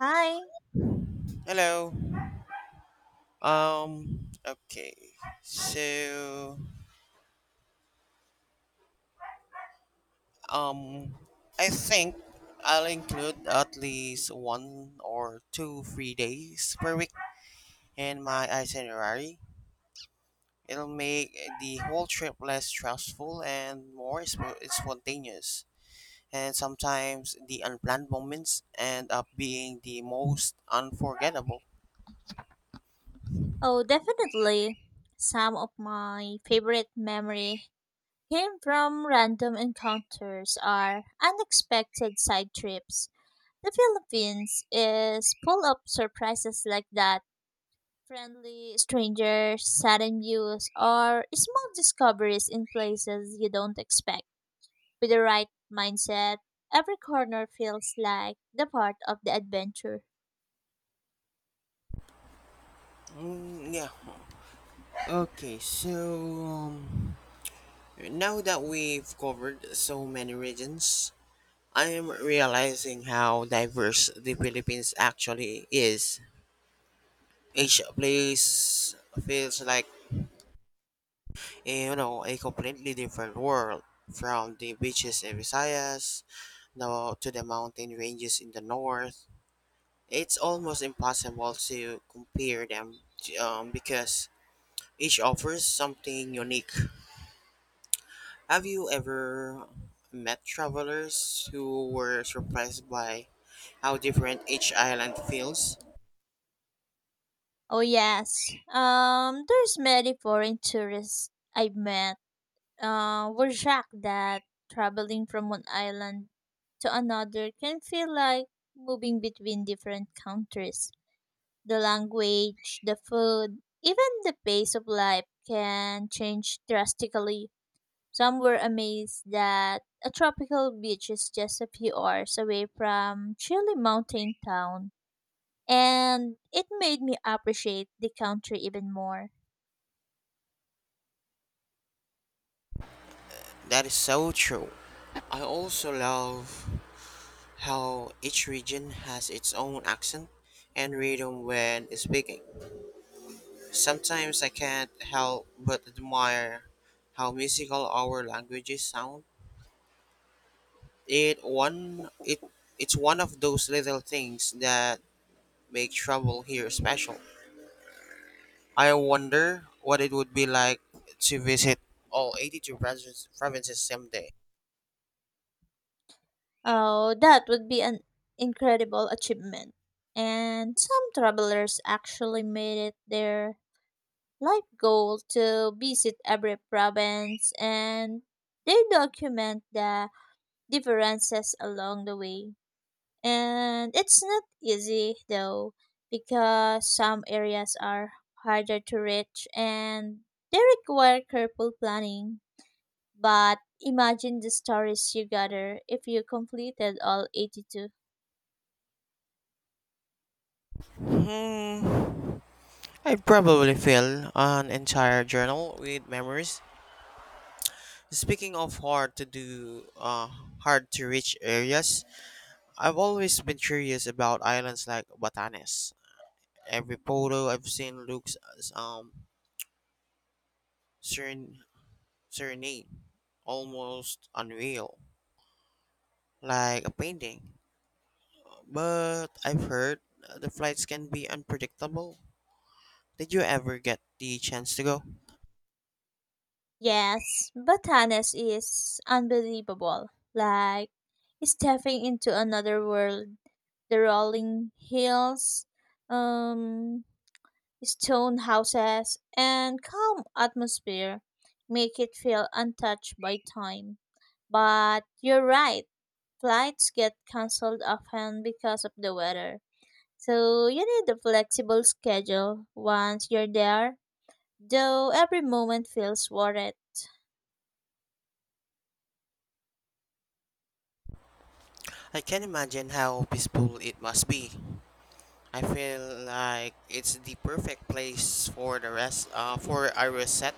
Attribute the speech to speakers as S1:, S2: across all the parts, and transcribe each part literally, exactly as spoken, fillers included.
S1: Hi.
S2: Hello. Um. Okay. So. Um. I think I'll include at least one or two free days per week in my itinerary. It'll make the whole trip less stressful and more sp- spontaneous. And sometimes the unplanned moments end up being the most unforgettable.
S1: Oh, definitely. Some of my favorite memory came from random encounters or unexpected side trips. The Philippines is full of surprises like that. Friendly strangers, sudden views, or small discoveries in places you don't expect. With the right mindset, every corner feels like the part of the adventure.
S2: Mm, yeah. Okay. So. Um, Now that we've covered so many regions, I am realizing how diverse the Philippines actually is. Each place feels like a, you know a completely different world, from the beaches in Visayas now to the mountain ranges in the north. It's almost impossible to compare them um, because each offers something unique. Have you ever met travelers who were surprised by how different each island feels?
S1: Oh yes. Um, there's many foreign tourists I've met. Uh, were shocked that traveling from one island to another can feel like moving between different countries. The language, the food, even the pace of life can change drastically. Some were amazed that a tropical beach is just a few hours away from chilly mountain town and it made me appreciate the country even more.
S2: That is so true. I also love how each region has its own accent and rhythm when speaking. Sometimes I can't help but admire how musical our languages sound. It one it it's one of those little things that make travel here special. I wonder what it would be like to visit all eighty-two provinces provinces someday.
S1: Oh, that would be an incredible achievement. And some travelers actually made it their life goal to visit every province and they document the differences along the way. And it's not easy though, because some areas are harder to reach and they require careful planning. But imagine the stories you gather if you completed all eighty-two.
S2: Hmm. I'd probably fill an entire journal with memories. Speaking of hard to do, uh, hard to reach areas, I've always been curious about islands like Batanes. Every photo I've seen looks um seren- serene, almost unreal, like a painting. But I've heard the flights can be unpredictable. Did you ever get the chance to go?
S1: Yes, Batanes is unbelievable. Like stepping into another world. The rolling hills, um, stone houses, and calm atmosphere make it feel untouched by time. But you're right, flights get cancelled often because of the weather. So you need a flexible schedule once you're there, though every moment feels worth it.
S2: I can imagine how peaceful it must be. I feel like it's the perfect place for the rest, uh, for a reset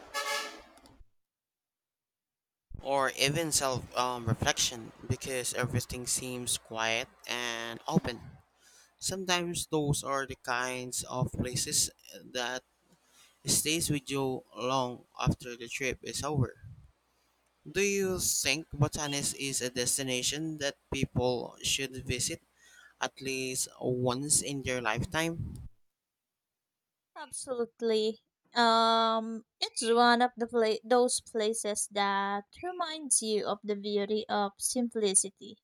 S2: or even self um, reflection because everything seems quiet and open. Sometimes those are the kinds of places that stays with you long after the trip is over. Do you think Botanis is a destination that people should visit at least once in their lifetime?
S1: Absolutely. Um, it's one of the pla- those places that reminds you of the beauty of simplicity.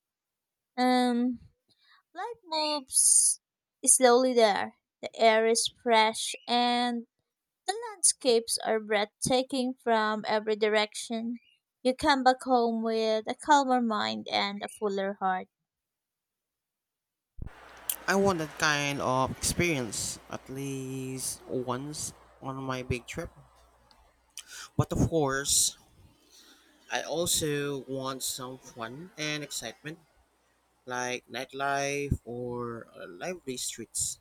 S1: Um, Life moves slowly there. The air is fresh and the landscapes are breathtaking from every direction. You come back home with a calmer mind and a fuller heart.
S2: I want that kind of experience at least once on my big trip. But of course, I also want some fun and excitement like nightlife or uh, lively streets.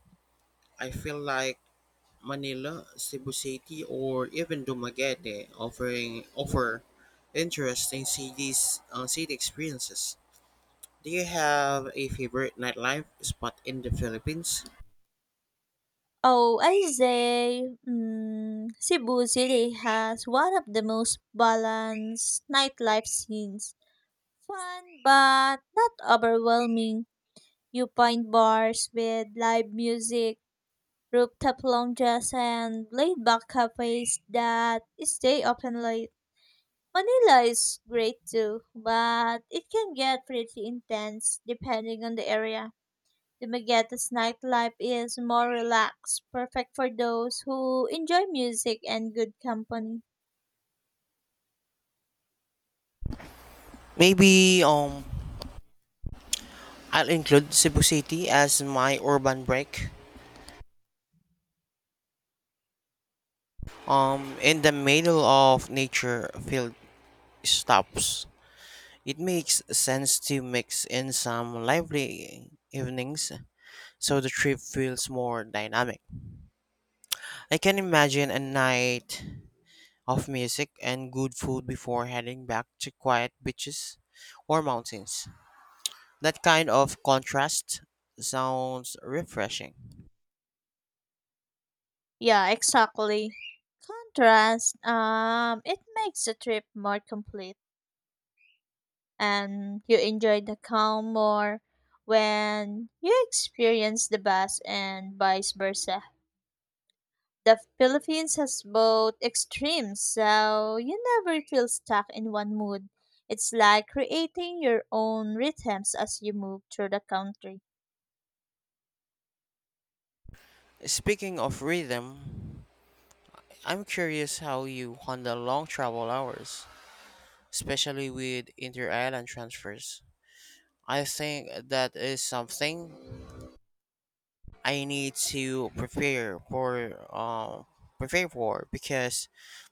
S2: I feel like Manila, Cebu City, or even Dumaguete offering offer interesting cities uh, city experiences. Do you have a favorite nightlife spot in the Philippines?
S1: Oh, I say, mm, Cebu City has one of the most balanced nightlife scenes. Fun but not overwhelming. You find bars with live music, rooftop lounges, and laid-back cafes that stay open late. Manila is great too, but it can get pretty intense depending on the area. The Magetta's nightlife is more relaxed, perfect for those who enjoy music and good company.
S2: Maybe um I'll include Cebu City as my urban break. Um, in the middle of nature field stops, it makes sense to mix in some lively evenings so the trip feels more dynamic. I can imagine a night of music and good food before heading back to quiet beaches or mountains. That kind of contrast sounds refreshing.
S1: Yeah, exactly. Contrast, um, it makes the trip more complete and you enjoy the calm more when you experience the bus and vice versa. The Philippines has both extremes, so you never feel stuck in one mood. It's like creating your own rhythms as you move through the country.
S2: Speaking of rhythm, I'm curious how you handle long travel hours, especially with inter island transfers. I think that is something I need to prepare for uh, prepare for because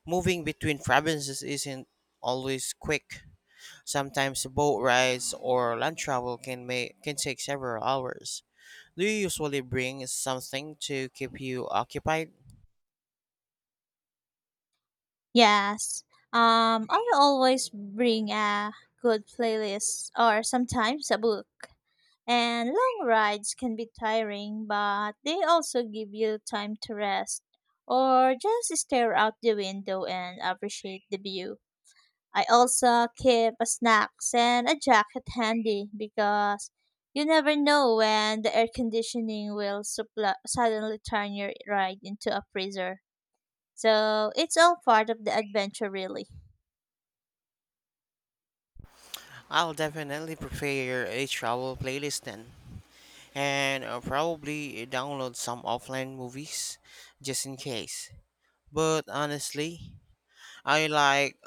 S2: moving between provinces isn't always quick. Sometimes boat rides or land travel can make can take several hours. Do you usually bring something to keep you occupied?
S1: Yes. Um, I always bring a good playlist or sometimes a book. And long rides can be tiring, but they also give you time to rest or just stare out the window and appreciate the view. I also keep a snacks and a jacket handy because you never know when the air conditioning will suppl- suddenly turn your ride into a freezer. So it's all part of the adventure, really.
S2: I'll definitely prepare a travel playlist then, and uh, probably download some offline movies just in case. But honestly, I like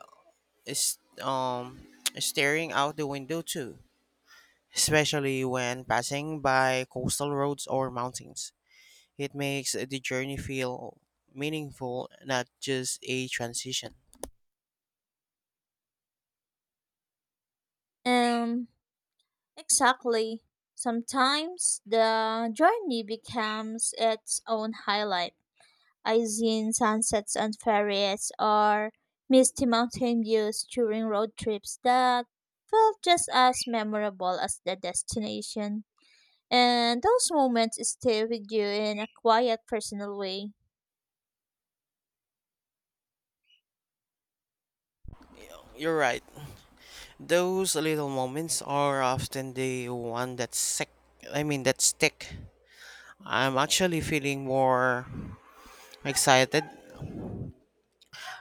S2: is um staring out the window too, especially when passing by coastal roads or mountains. It makes the journey feel meaningful, not just a transition.
S1: Um, exactly. Sometimes the journey becomes its own highlight. I've seen sunsets on ferries or misty mountain views during road trips that felt just as memorable as the destination. And those moments stay with you in a quiet, personal way.
S2: You're right. Those little moments are often the one that sick. I mean that stick. I'm actually feeling more excited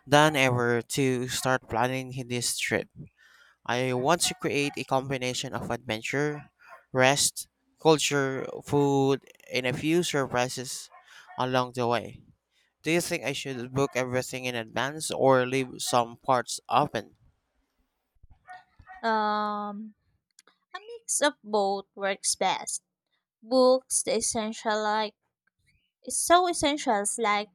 S2: than ever to start planning this trip. I want to create a combination of adventure, rest, culture, food, and a few surprises along the way. Do you think I should book everything in advance or leave some parts open?
S1: Um, a mix of both works best. Books, the essential like is so essentials like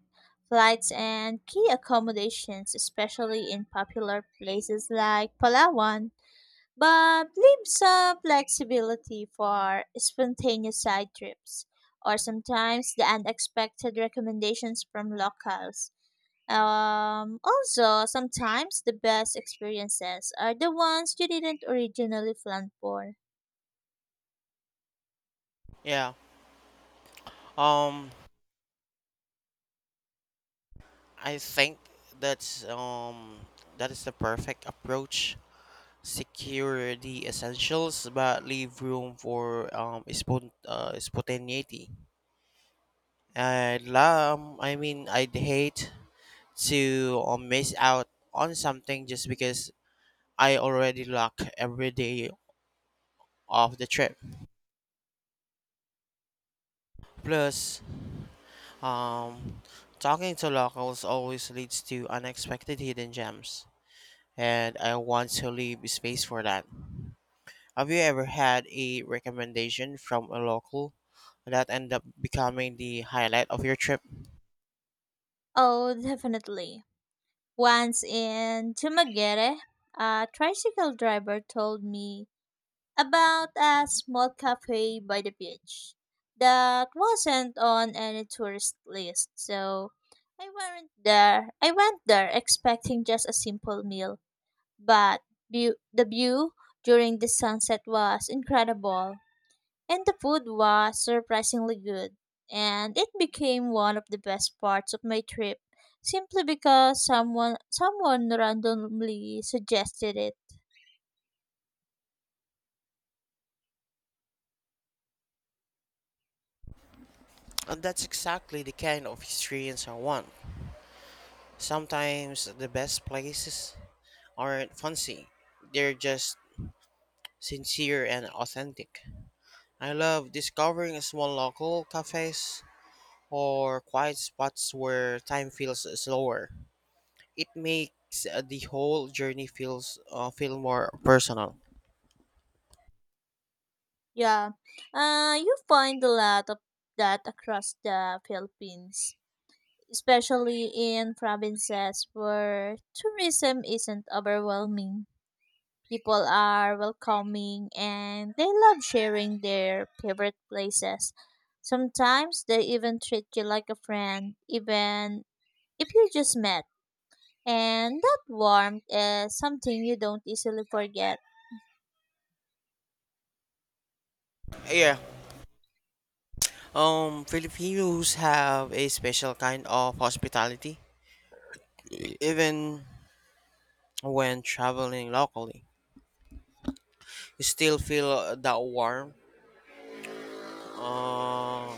S1: flights and key accommodations, especially in popular places like Palawan, but leave some flexibility for spontaneous side trips or sometimes the unexpected recommendations from locals. Um, also, sometimes the best experiences are the ones you didn't originally plan for.
S2: Yeah. Um I think that's um that is the perfect approach. Secure the essentials but leave room for um spont- uh, spontaneity. I'd love, I mean, I'd hate to uh, miss out on something just because I already lock every day of the trip. Plus, um, talking to locals always leads to unexpected hidden gems, and I want to leave space for that. Have you ever had a recommendation from a local that ended up becoming the highlight of your trip?
S1: Oh, definitely. Once in Tumaguere, a tricycle driver told me about a small cafe by the beach that wasn't on any tourist list. So I went there. I went there expecting just a simple meal, but view, the view during the sunset was incredible. And the food was surprisingly good, and it became one of the best parts of my trip simply because someone someone randomly suggested it.
S2: And that's exactly the kind of experience I want. Sometimes the best places aren't fancy. They're just sincere and authentic. I love discovering small local cafes or quiet spots where time feels slower. It makes uh, the whole journey feels uh, feel more personal.
S1: Yeah. Uh you find a lot of that across the Philippines, especially in provinces where tourism isn't overwhelming. People are welcoming and they love sharing their favorite places. Sometimes they even treat you like a friend, even if you just met. And that warmth is something you don't easily forget.
S2: Yeah. Um Filipinos have a special kind of hospitality even when traveling locally. You still feel that warm uh,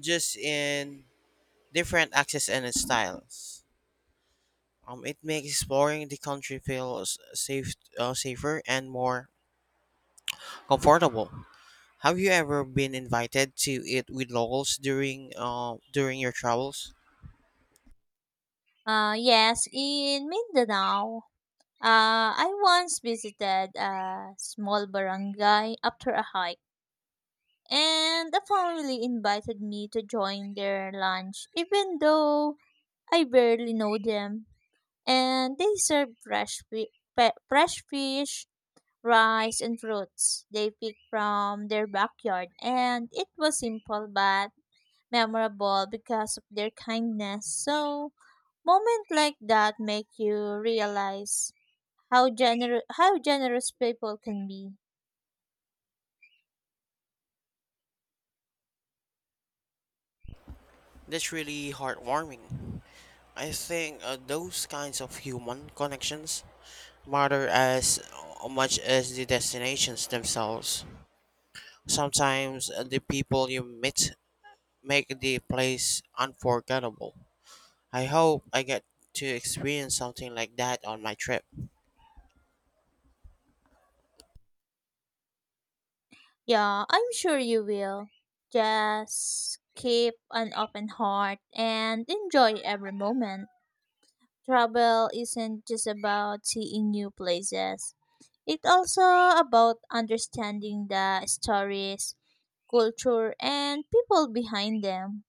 S2: just in different accents and styles. Um, it makes exploring the country feel s- safe, uh, safer and more comfortable. Have you ever been invited to eat with locals during uh, during your travels?
S1: Uh, yes, in Mindanao, uh, I once visited a small barangay after a hike, and the family invited me to join their lunch, even though I barely know them. And they serve fresh, fi- fe- fresh fish, rice, and fruits they pick from their backyard. And it was simple but memorable because of their kindness. So, moments like that make you realize how gener- how generous people can be.
S2: That's really heartwarming. I think uh, those kinds of human connections matter as uh, much as the destinations themselves. Sometimes uh, the people you meet make the place unforgettable. I hope I get to experience something like that on my trip.
S1: Yeah, I'm sure you will. Just keep an open heart and enjoy every moment. Travel isn't just about seeing new places. It's also about understanding the stories, culture, and people behind them.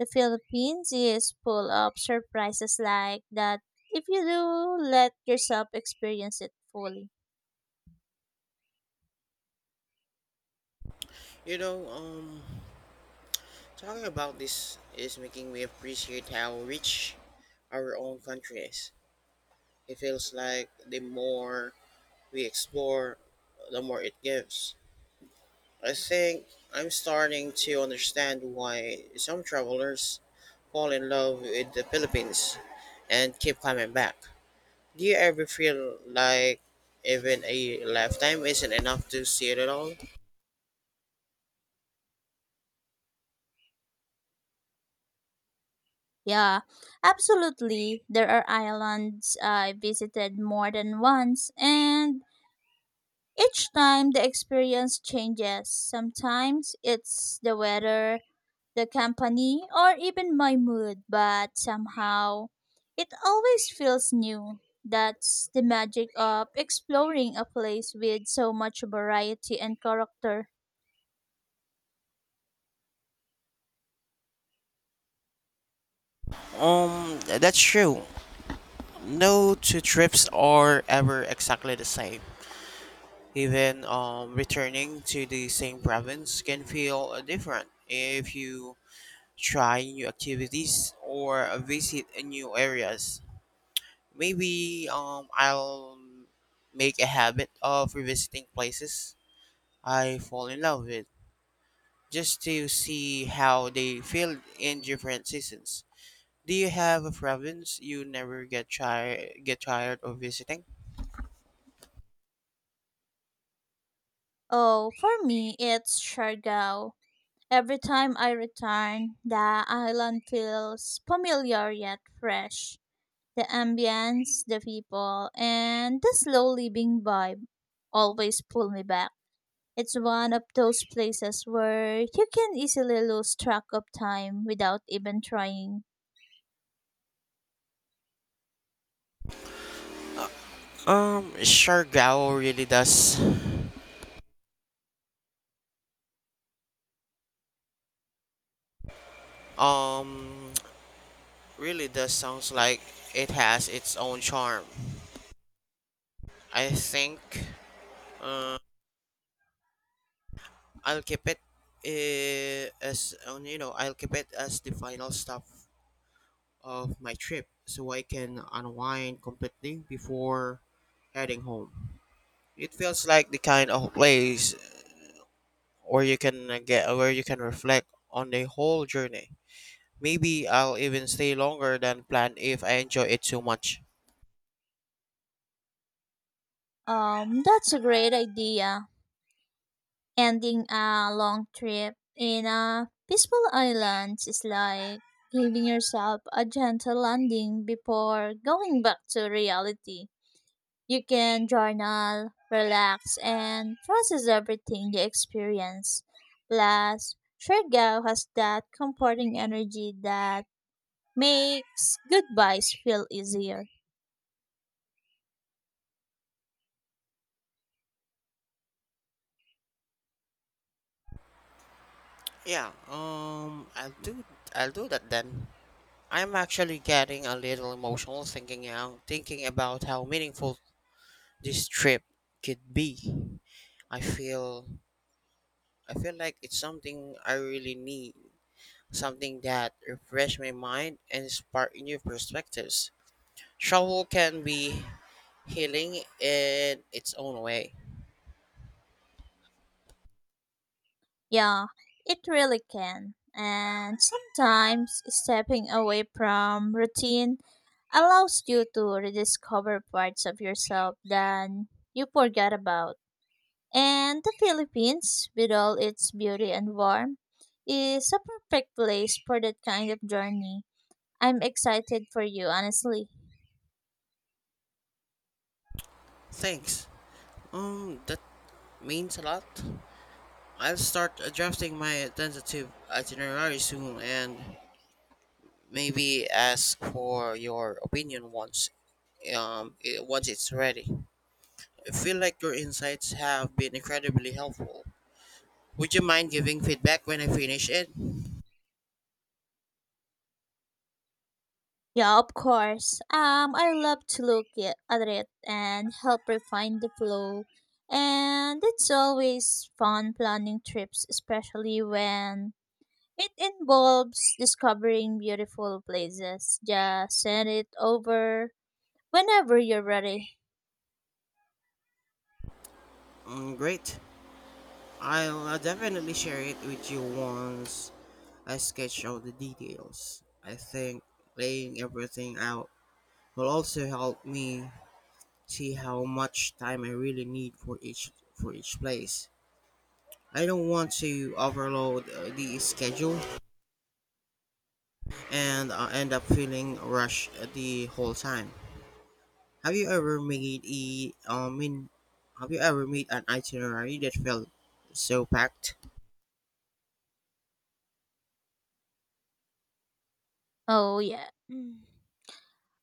S1: The Philippines is full of surprises like that if you do let yourself experience it fully.
S2: You know, um, talking about this is making me appreciate how rich our own country is. It feels like the more we explore, the more it gives. I think I'm starting to understand why some travelers fall in love with the Philippines and keep coming back. Do you ever feel like even a lifetime isn't enough to see it at all?
S1: Yeah, absolutely. There are islands I visited more than once, and each time the experience changes. Sometimes it's the weather, the company, or even my mood, but somehow it always feels new. That's the magic of exploring a place with so much variety and character.
S2: Um, that's true. No two trips are ever exactly the same. Even um, returning to the same province can feel uh, different if you try new activities or uh, visit uh, new areas. Maybe um, I'll make a habit of revisiting places I fall in love with just to see how they feel in different seasons. Do you have a province you never get try get tired of visiting?
S1: Oh, for me, it's Siargao. Every time I return, the island feels familiar yet fresh. The ambience, the people, and the slow living vibe always pull me back. It's one of those places where you can easily lose track of time without even trying.
S2: Um, sure, Gao really does. Um, really does sounds like it has its own charm. I think uh, I'll keep it uh, as um, you know I'll keep it as the final stop of my trip, so I can unwind completely before heading home. It feels like the kind of place where you can uh, get where you can reflect on the whole journey. Maybe I'll even stay longer than planned if I enjoy it too much.
S1: Um, that's a great idea. Ending a long trip in a peaceful island is like giving yourself a gentle landing before going back to reality. You can journal, relax, and process everything you experience. Plus, Shergao has that comforting energy that makes goodbyes feel easier.
S2: Yeah, um, I'll do I'll do that then. I'm actually getting a little emotional thinking out, thinking about how meaningful this trip could be. I feel I feel like it's something I really need, something that refresh my mind and spark new perspectives. Travel can be healing in its own way.
S1: Yeah, it really can. And sometimes stepping away from routine allows you to rediscover parts of yourself that you forgot about. And the Philippines, with all its beauty and warmth, is a perfect place for that kind of journey. I'm excited for you, honestly.
S2: Thanks. Um, that means a lot. I'll start adjusting my tentative itinerary soon and maybe ask for your opinion once um, it, once it's ready. I feel like your insights have been incredibly helpful. Would you mind giving feedback when I finish it?
S1: Yeah, of course. Um, I love to look it, at it and help refine the flow. And it's always fun planning trips, especially when it involves discovering beautiful places. Just send it over whenever you're ready.
S2: Mm, great. I'll uh, definitely share it with you once I sketch out the details. I think laying everything out will also help me see how much time I really need for each for each place. I don't want to overload uh, the schedule, and I end up feeling rushed the whole time. Have you ever made a I mean, have you ever made an itinerary that felt so packed?
S1: Oh, yeah. Mm.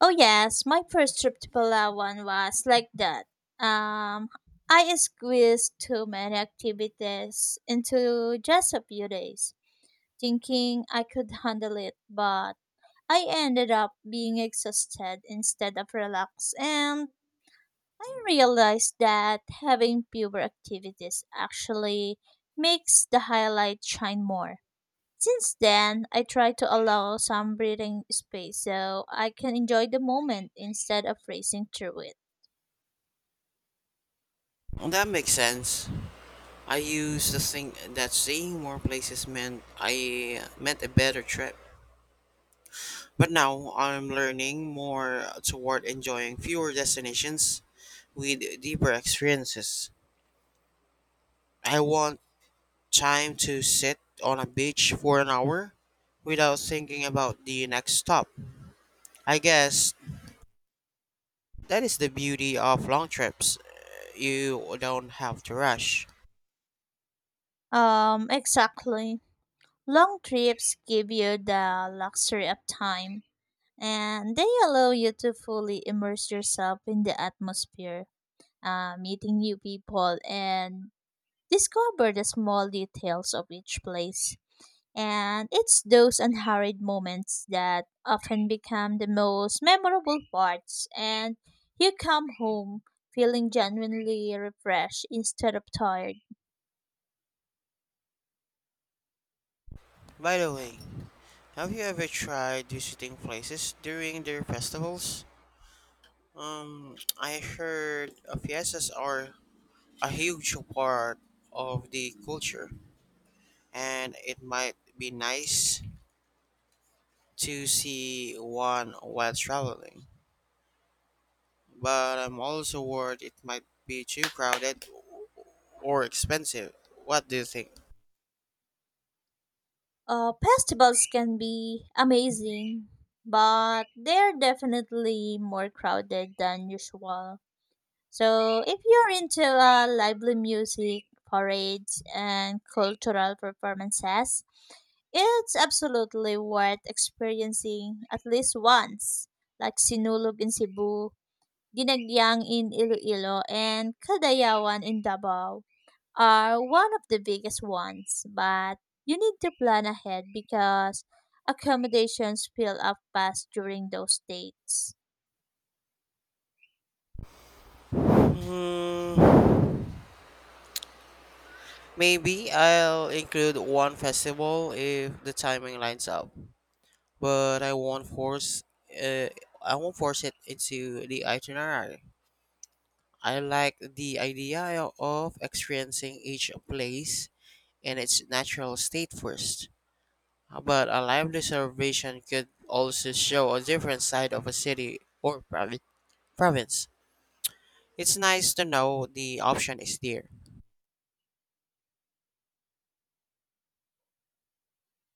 S1: Oh, yes. My first trip to Palawan was like that. Um, I squeezed too many activities into just a few days, thinking I could handle it, but I ended up being exhausted instead of relaxed. And I realized that having fewer activities actually makes the highlight shine more. Since then, I try to allow some breathing space so I can enjoy the moment instead of racing through
S2: Well, that makes sense. I used to think that seeing more places meant I meant a better trip, but now I'm learning more toward enjoying fewer destinations with deeper experiences. I want time to sit on a beach for an hour without thinking about the next stop. I guess that is the beauty of long trips. You don't have to rush.
S1: it. Um, exactly. Long trips give you the luxury of time and they allow you to fully immerse yourself in the atmosphere, uh, meeting new people, and discover the small details of each place. And it's those unhurried moments that often become the most memorable parts, and you come home feeling genuinely refreshed instead of tired.
S2: By the way, have you ever tried visiting places during their festivals? Um, I heard uh, fiestas are a huge part of the culture, and it might be nice to see one while traveling. But I'm also worried it might be too crowded or expensive. What do you think?
S1: Uh, festivals can be amazing, but they're definitely more crowded than usual. So if you're into uh, lively music, parades, and cultural performances, it's absolutely worth experiencing at least once, like Sinulog in Cebu, Ginagyang in Iloilo, and Kadayawan in Davao are one of the biggest ones, but you need to plan ahead because accommodations fill up fast during those dates.
S2: Hmm. Maybe I'll include one festival if the timing lines up, but I won't force uh, I won't force it into the itinerary. I like the idea of experiencing each place in its natural state first. But a lively observation could also show a different side of a city or provi- province. It's nice to know the option is there.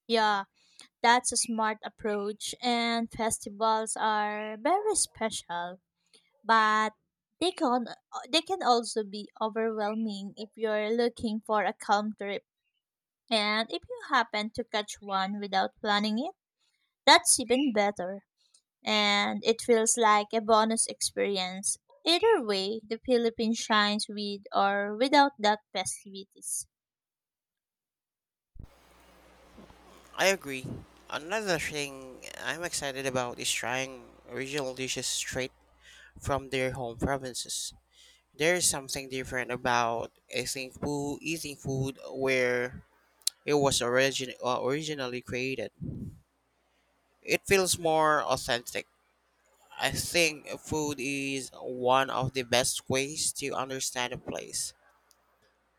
S1: Yeah, that's a smart approach, and festivals are very special, but they can uh, they can also be overwhelming if you're looking for a calm trip. And if you happen to catch one without planning it, that's even better. And it feels like a bonus experience. Either way, the Philippines shines with or without that festivities.
S2: I agree. Another thing I'm excited about is trying original dishes straight from their home provinces. There's something different about eating food, eating food where it was origin, uh, originally created. It feels more authentic. I think food is one of the best ways to understand a place.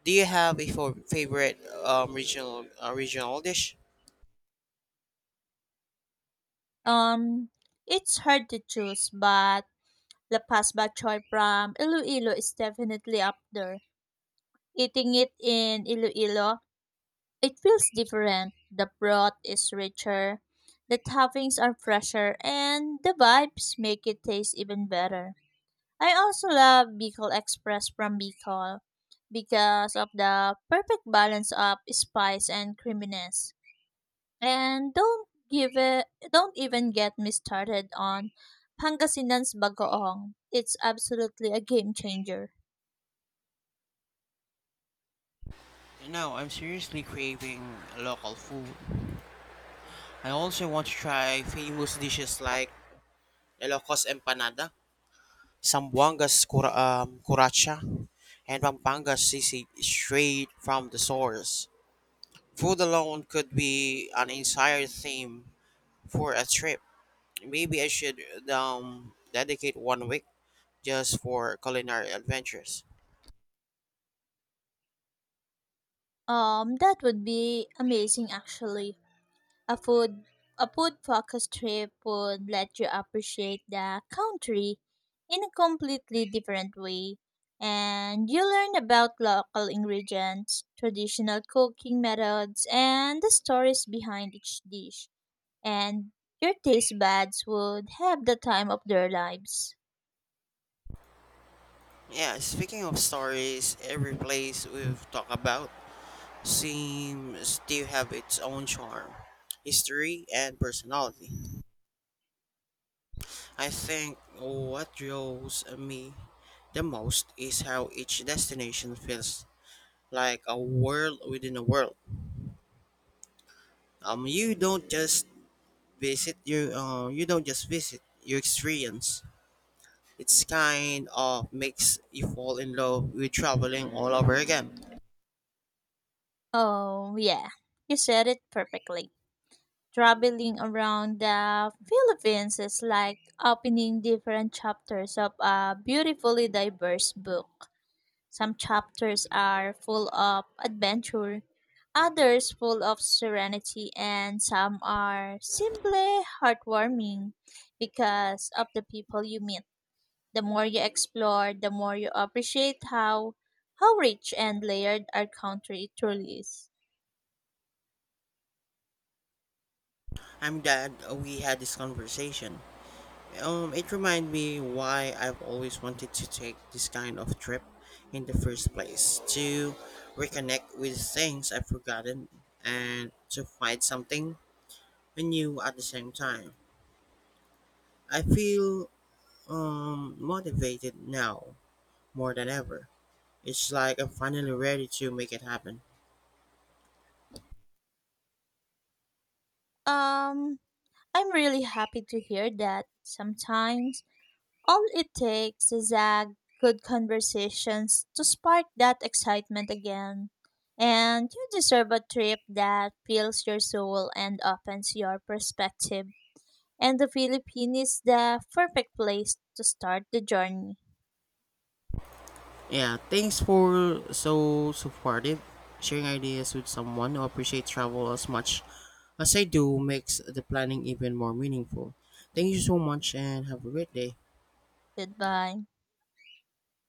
S2: Do you have a fo- favorite um, regional uh, regional dish?
S1: Um, it's hard to choose, but La Paz Bachoy from Iloilo is definitely up there. Eating it in Iloilo, it feels different. The broth is richer, the toppings are fresher, and the vibes make it taste even better. I also love Bicol Express from Bicol because of the perfect balance of spice and creaminess. And don't give it don't even get me started on Pangasinan's bagoong. It's absolutely a game changer.
S2: No, I'm seriously craving local food. I also want to try famous dishes like Ilocos empanada, Sambuanga's cura- um, curacha, and Pampanga's sisig straight from the source. Food alone could be an entire theme for a trip. Maybe I should um, dedicate one week just for culinary adventures.
S1: Um that would be amazing actually. A food a food focused trip would let you appreciate the country in a completely different way. And you learn about local ingredients, traditional cooking methods, and the stories behind each dish. And your taste buds would have the time of their lives.
S2: Yeah, speaking of stories, every place we've talked about seems to have its own charm, history, and personality. I think what draws me the most is how each destination feels like a world within a world. Um, you don't just visit you uh, you don't just visit you experience. It's kind of makes you fall in love with traveling all over again.
S1: Oh, yeah, you said it perfectly. Traveling around the Philippines is like opening different chapters of a beautifully diverse book. Some chapters are full of adventure, others full of serenity, and some are simply heartwarming because of the people you meet. The more you explore, the more you appreciate how how rich and layered our country truly is.
S2: I'm glad we had this conversation. Um, it reminded me why I've always wanted to take this kind of trip in the first place, to reconnect with things I've forgotten and to find something new at the same time. I feel um, motivated now more than ever. It's like I'm finally ready to make it happen.
S1: Um, I'm really happy to hear that sometimes all it takes is a good conversations to spark that excitement again. And you deserve a trip that fills your soul and opens your perspective. And the Philippines is the perfect place to start the journey.
S2: Yeah, thanks for so supportive. Sharing ideas with someone who appreciates travel as much as I do makes the planning even more meaningful. Thank you so much and have a great day.
S1: Goodbye.